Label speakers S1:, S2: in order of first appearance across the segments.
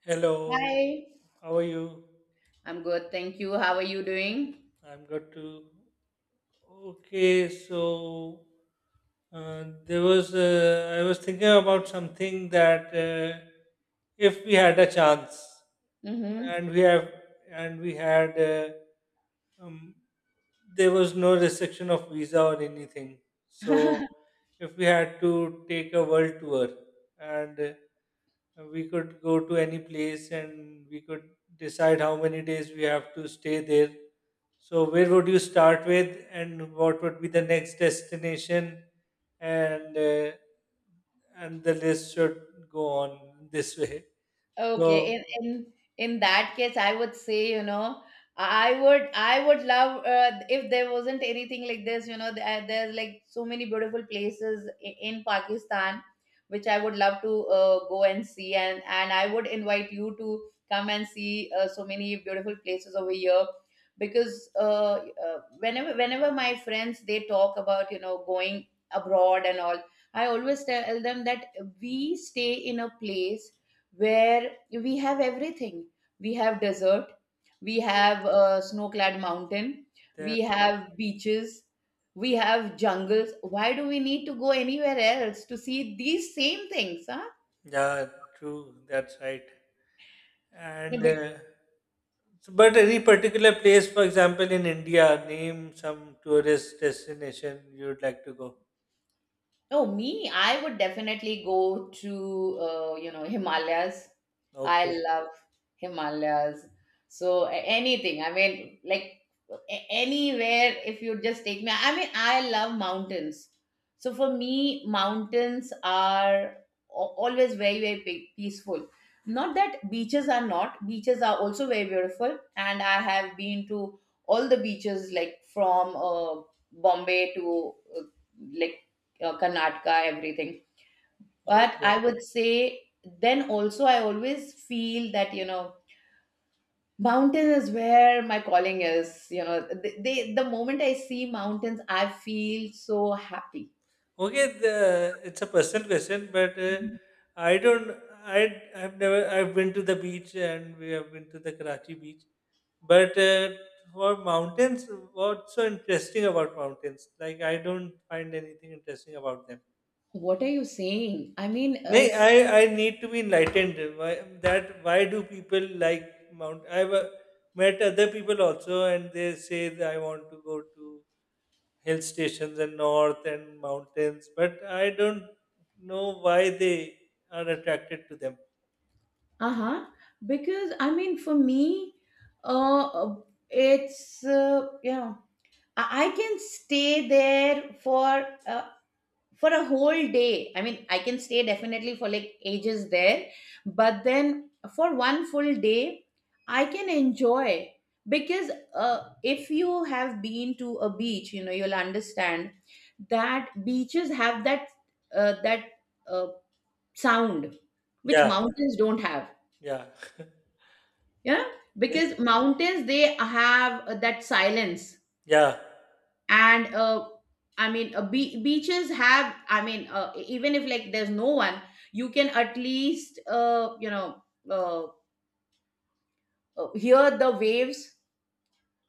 S1: Hello,
S2: Hi,
S1: how are you?
S2: I'm good. Thank you. How are you doing?
S1: I'm got to. Okay, so there was. I was thinking about something that if we had a chance,
S2: Mm-hmm.
S1: and we have, and we had, um, there was no restriction of visa or anything. So if we had to take a world tour and we could go to any place and we could decide how many days we have to stay there, so where would you start with, and what would be the next destination? And uh, and the list should go on this way.
S2: Okay,
S1: So
S2: in that case, I would say, I would love if there wasn't anything like this, there's like so many beautiful places in Pakistan, which I would love to go and see, and I would invite you to come and see so many beautiful places over here, because whenever my friends they talk about going abroad and all, I always tell them that we stay in a place where we have everything. We have desert, we have a snow-clad mountain, we
S1: that's right.
S2: have beaches, we have jungles. Why do we need to go anywhere else to see these same things? Huh?
S1: Yeah, true. That's right. And uh, but any particular place, for example, in India, name some tourist destination you'd like to go.
S2: Oh, me, I would definitely go to, Himalayas. I
S1: Okay.
S2: love Himalayas. So anything, I mean, like anywhere, if you just take me, I mean, I love mountains. So for me, mountains are always very, very peaceful. Not that beaches are not, beaches are also very beautiful. And I have been to all the beaches, like from Bombay to like Karnataka, everything. But
S1: Okay.
S2: I would say then also I always feel that, you know, mountain is where my calling is. You know, the moment I see mountains, I feel so happy.
S1: Okay, it's a personal question, but I don't. I I've never. I've been to the beach and we have been to the Karachi beach. But for mountains, what's so interesting about mountains? Like, I don't find anything interesting about them.
S2: What are you saying? I mean,
S1: Nay, I I need to be enlightened. Why that? Why do people like mount? I've met other people also, and they say that I want to go to hill stations in north and mountains, but I don't know why they are attracted to them.
S2: huh because I mean, for me, uh, uh, it's yeah, I can stay there for a whole day. I mean, I can stay definitely for like ages there, but then for one full day, I can enjoy, because if you have been to a beach, you know, you'll understand that beaches have that uh, that uh, sound which
S1: Yeah,
S2: mountains don't have.
S1: yeah,
S2: Yeah,
S1: yes,
S2: because mountains, they have that silence.
S1: yeah,
S2: And I mean, beaches have, I mean, even if like there's no one, you can at least uh, hear the waves,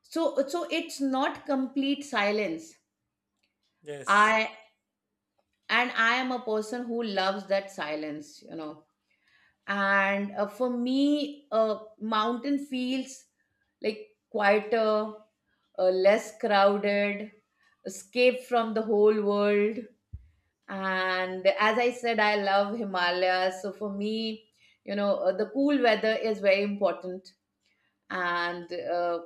S2: so it's not complete silence.
S1: yes.
S2: I And I am a person who loves that silence, you know. And for me, mountain feels like quieter, less crowded, escape from the whole world. And as I said, I love Himalayas, so for me, the cool weather is very important. And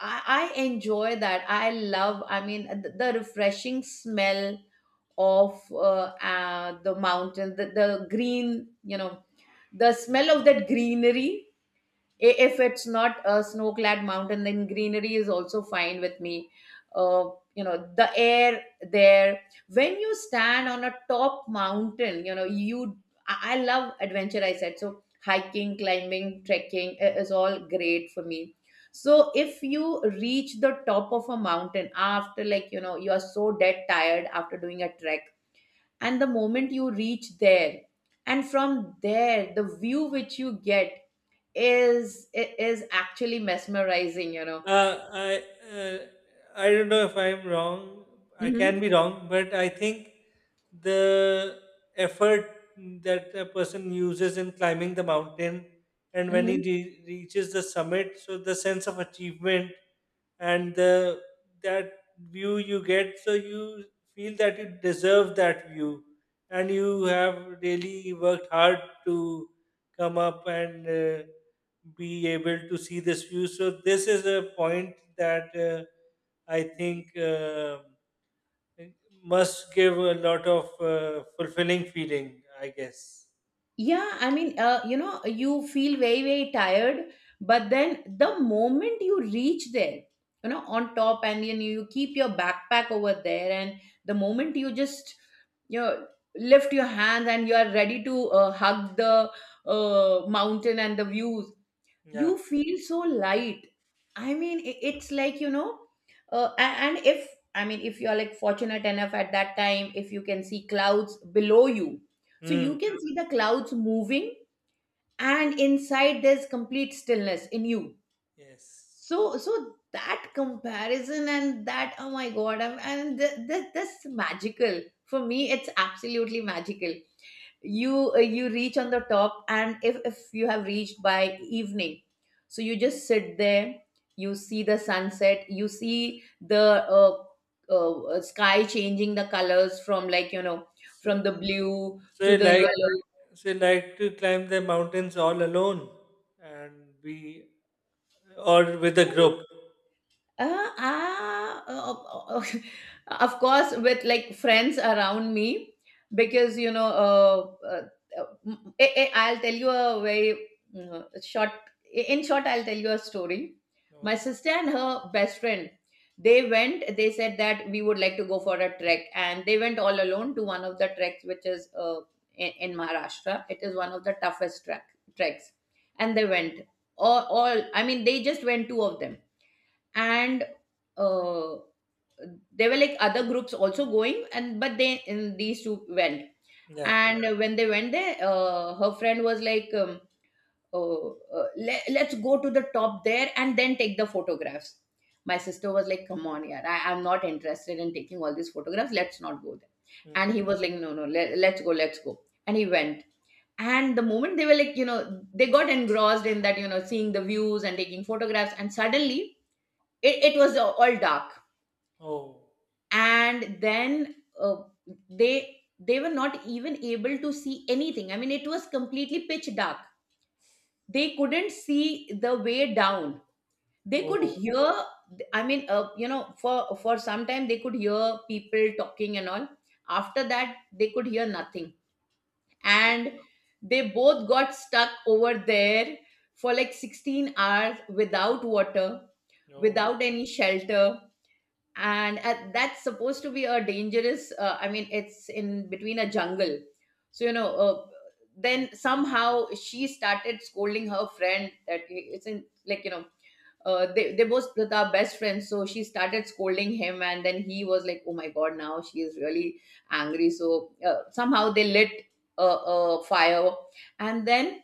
S2: I enjoy that. I love, I mean, the refreshing smell of the mountain, the green, you know, the smell of that greenery. If it's not a snow-clad mountain, then greenery is also fine with me. uh, you know, the air there, when you stand on a top mountain, you know, you I love adventure, I said. So hiking, climbing, trekking is all great for me. So if you reach the top of a mountain, after, like, you know, you are so dead tired after doing a trek, and the moment you reach there, and from there the view which you get is is actually mesmerizing, you know.
S1: Uh, I uh, I don't know if I'm wrong. I can
S2: hmm
S1: be wrong, but I think the effort that a person uses in climbing the mountain, and when he
S2: hmm
S1: reaches the summit, so the sense of achievement and the that view you get, so you feel that you deserve that view and you have really worked hard to come up and be able to see this view. So this is a point that I think must give a lot of fulfilling feeling, I guess.
S2: yeah, I mean, you know, you feel very very tired, but then the moment you reach there, you know, on top, and you keep your backpack over there, and the moment you just you know lift your hands and you are ready to hug the mountain and the views.
S1: Yeah.
S2: You feel so light. I mean, it's like, you know, and if, I mean, if you're like fortunate enough at that time, if you can see clouds below you, so
S1: Hmm.
S2: you can see the clouds moving, and inside there's complete stillness in you. so
S1: Yes.
S2: so that comparison, and that, oh my god, and this magical, for me it's absolutely magical. You reach on the top, and if you have reached by evening, so you just sit there, you see the sunset, you see the sky changing the colors from, like, you know,
S1: so
S2: from the blue
S1: So
S2: to
S1: you
S2: the
S1: like,
S2: yellow.
S1: so you like to climb the mountains all alone and be, or with a group.
S2: Of course, with like friends around me, because I'll tell you a very short. In short, I'll tell you a story. My
S1: Okay.
S2: sister and her best friend, they went. They said that we would like to go for a trek, and they went all alone to one of the treks, which is in Maharashtra. It is one of the toughest treks, and they went. I mean, they just went two of them. And uh, there were like other groups also going, and but they in these two went.
S1: Yeah.
S2: And when they went there, her friend was like, oh, let's go to the top there and then take the photographs. My sister was like, come on, yeah, I'm not interested in taking all these photographs, let's not go there.
S1: Mm.
S2: And he was like, no, no, let's go, let's go. And he went. And the moment they were, like, you know, they got engrossed in that, you know, seeing the views and taking photographs, and suddenly it was all dark.
S1: Oh.
S2: And then they were not even able to see anything, I mean, it was completely pitch dark. They couldn't see the way down. They could
S1: Oh.
S2: hear, I mean, you know, for some time they could hear people talking and all. After that they could hear nothing.
S1: Oh.
S2: And they both got stuck over there for like 16 hours, without water,
S1: No.
S2: without any shelter. And that's supposed to be a dangerous, I mean it's in between a jungle. So, you know, then somehow she started scolding her friend, that it's in, like, you know, they both are best friends, so she started scolding him, and then he was like, oh my god, now she is really angry. So somehow they lit a fire. And then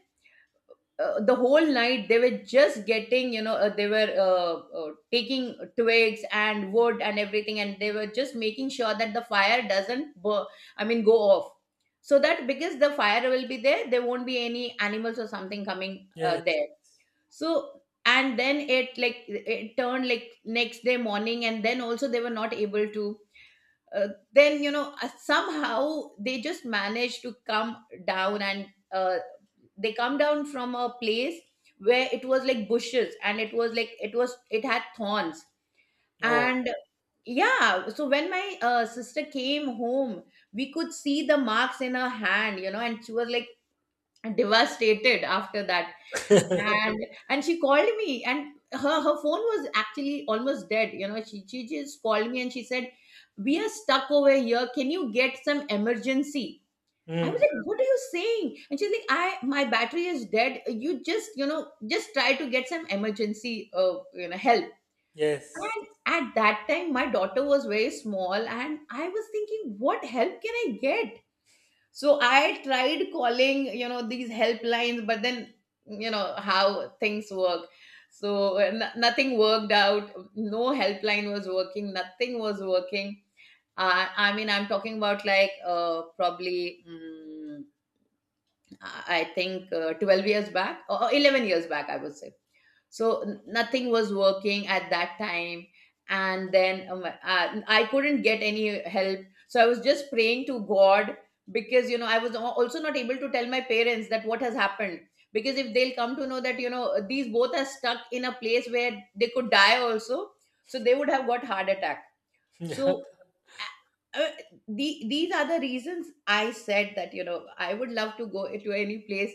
S2: the whole night they were just getting, you know, they were taking twigs and wood and everything, and they were just making sure that the fire doesn't I mean go off, so that because the fire will be there, there won't be any animals or something coming
S1: Yes.
S2: there. So, and then it, like, it turned, like, next day morning, and then also they were not able to, uh, then, you know, somehow they just manage to come down. And they come down from a place where it was like bushes, and it was like, it had thorns.
S1: Oh.
S2: And yeah, so when my sister came home, we could see the marks in her hand, you know, and she was like devastated after that. And she called me, and her phone was actually almost dead. You know, she just called me, and she said, we are stuck over here, can you get some emergency? I was
S1: Mm.
S2: like, what are you saying? And she's like, I my battery is dead, you just, just try to get some emergency, help.
S1: Yes.
S2: And at that time my daughter was very small, and I was thinking, what help can I get? So I tried calling, these helplines, but then, you know, how things work. So nothing worked out. No helpline was working. Nothing was working. I mean, I'm talking about, like, probably, I think 12 years back, or 11 years back, I would say. So nothing was working at that time. And then I couldn't get any help. So I was just praying to god, because, you know, I was also not able to tell my parents that what has happened, because if they'll come to know that, you know, these both are stuck in a place where they could die also, so they would have got heart attack.
S1: Yeah.
S2: So uh, uh, these are the reasons I said that, you know, I would love to go to any place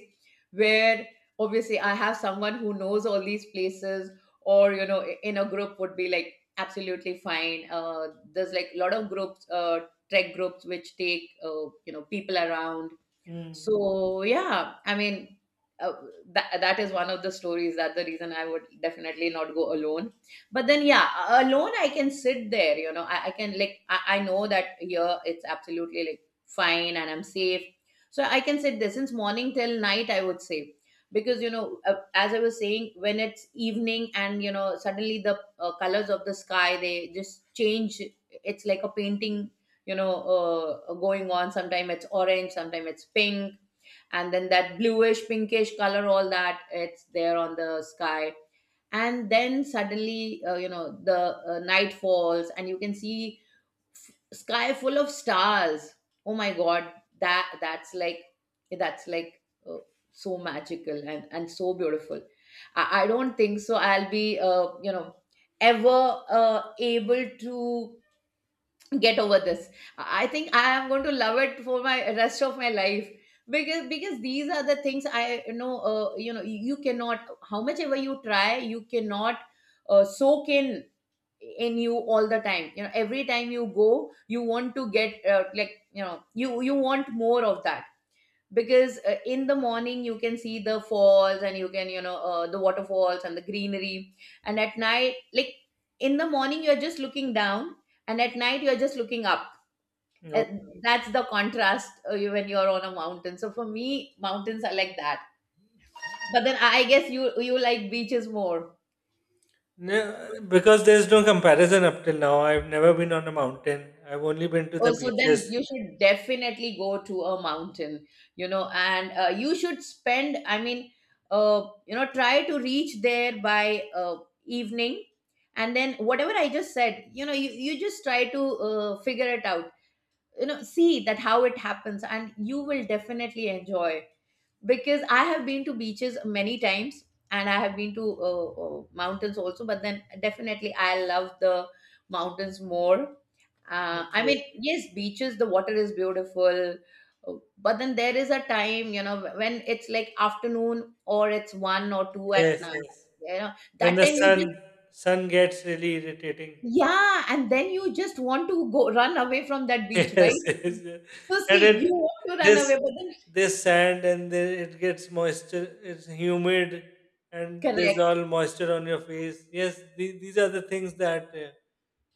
S2: where obviously I have someone who knows all these places, or, you know, in a group would be like absolutely fine. There's like a lot of groups, trek groups which take, you know, people around.
S1: Mm.
S2: So yeah, I mean, uh, that is one of the stories. That the reason I would definitely not go alone. But then yeah, alone I can sit there. You know, I can, like, I know that here it's absolutely like fine and I'm safe. So I can sit there since morning till night. I would say, because you know, as I was saying, when it's evening and you know, suddenly the colors of the sky, they just change. It's like a painting, you know, going on. Sometime it's orange, sometime it's pink, and then that bluish pinkish color, all that, it's there on the sky. And then suddenly, you know, the night falls and you can see, sky full of stars. Oh my god, that's like, that's like uh, so magical and so beautiful. I don't think so I'll be you know, ever able to get over this. I think I am going to love it for my rest of my life, because these are the things, I know, you know, you cannot, how much ever you try, you cannot soak in you all the time. You know, every time you go, you want to get, like, you know, you want more of that. Because in the morning you can see the falls, and you can, you know, the waterfalls and the greenery. And at night, like, in the morning you're just looking down, and at night you're just looking up.
S1: No.
S2: And that's the contrast, when you're on a mountain. So for me, mountains are like that. But then I guess you like beaches more.
S1: No, because there's no comparison up till now. I've never been on a mountain. I've only been to the
S2: Oh, so
S1: beaches.
S2: then you should definitely go to a mountain, you know, and you should spend, I mean, you know, try to reach there by evening. And then whatever I just said, you know, you just try to figure it out, you know, see that how it happens, and you will definitely enjoy. Because I have been to beaches many times, and I have been to mountains also, but then definitely I love the mountains more. I
S1: Okay.
S2: mean, yes, beaches, the water is beautiful, uh, but then there is a time, you know, when it's like afternoon or it's one or two at
S1: Yes.
S2: night,
S1: Yes.
S2: you know,
S1: Then
S2: that
S1: the
S2: time you
S1: sun
S2: just,
S1: sun gets really irritating.
S2: yeah, and then you just want to go run away from that beach,
S1: Yes,
S2: right?
S1: yes, yes.
S2: So
S1: And
S2: see,
S1: it,
S2: you want to run
S1: this
S2: away, but
S1: this sand, and then it gets moisture, it's humid, and
S2: then
S1: there's
S2: correct.
S1: all moisture on your face. Yes, these are the things that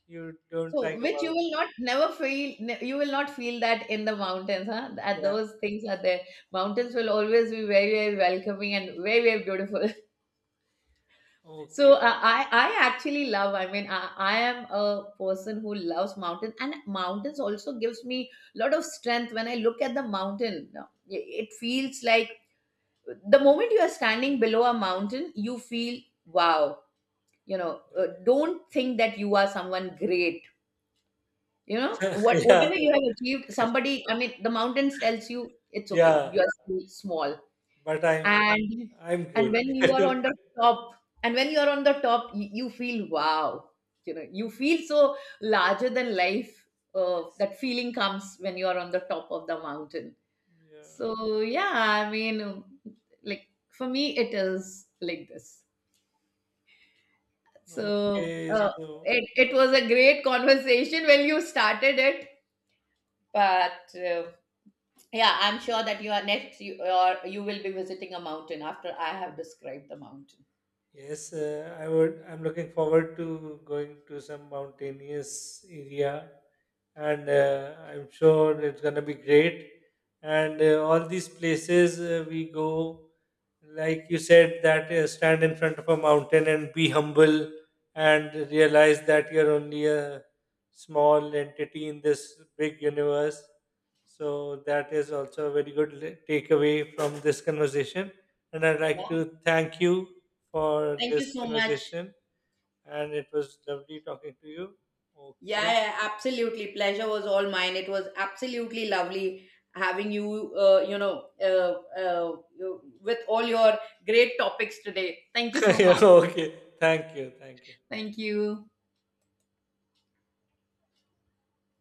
S1: you don't
S2: So,
S1: like
S2: which you
S1: about.
S2: will not never feel, you will not feel that in the mountains, huh? That
S1: Yeah.
S2: those things are there. Mountains will always be very, very welcoming and very, very beautiful. So,
S1: Okay.
S2: I actually love. I mean, I am a person who loves mountain, and mountains also gives me a lot of strength. When I look at the mountain, it feels like the moment you are standing below a mountain, you feel wow. You know, don't think that you are someone great. You know, what
S1: Yeah,
S2: whatever you have achieved, somebody, I mean, the mountains tells you it's okay.
S1: yeah,
S2: You are still small.
S1: but i'm
S2: And
S1: i'm
S2: and
S1: good.
S2: when you are on the top, and when you are on the top, you feel wow. You know, you feel so larger than life. That feeling comes when you are on the top of the mountain.
S1: Yeah,
S2: So yeah, I mean, like for me, it is like this. So,
S1: okay, so
S2: it was a great conversation when you started it, but. Yeah, I'm sure that you are next. You, or you will be visiting a mountain after I have described the mountain.
S1: yes, I would. I'm looking forward to going to some mountainous area, and I'm sure it's gonna be great. And all these places we go, like you said, that stand in front of a mountain and be humble, and realize that you're only a small entity in this big universe. So that is also a very good takeaway from this conversation. And I'd
S2: Yeah.
S1: like to thank you for
S2: Thank you
S1: this
S2: so much.
S1: conversation, and it was lovely talking to you.
S2: Yeah,
S1: Okay.
S2: yeah, absolutely. Pleasure was all mine. It was absolutely lovely having you, you know, with all your great topics today. Thank you so
S1: Yeah,
S2: much.
S1: okay. Thank you. Thank you.
S2: Thank you.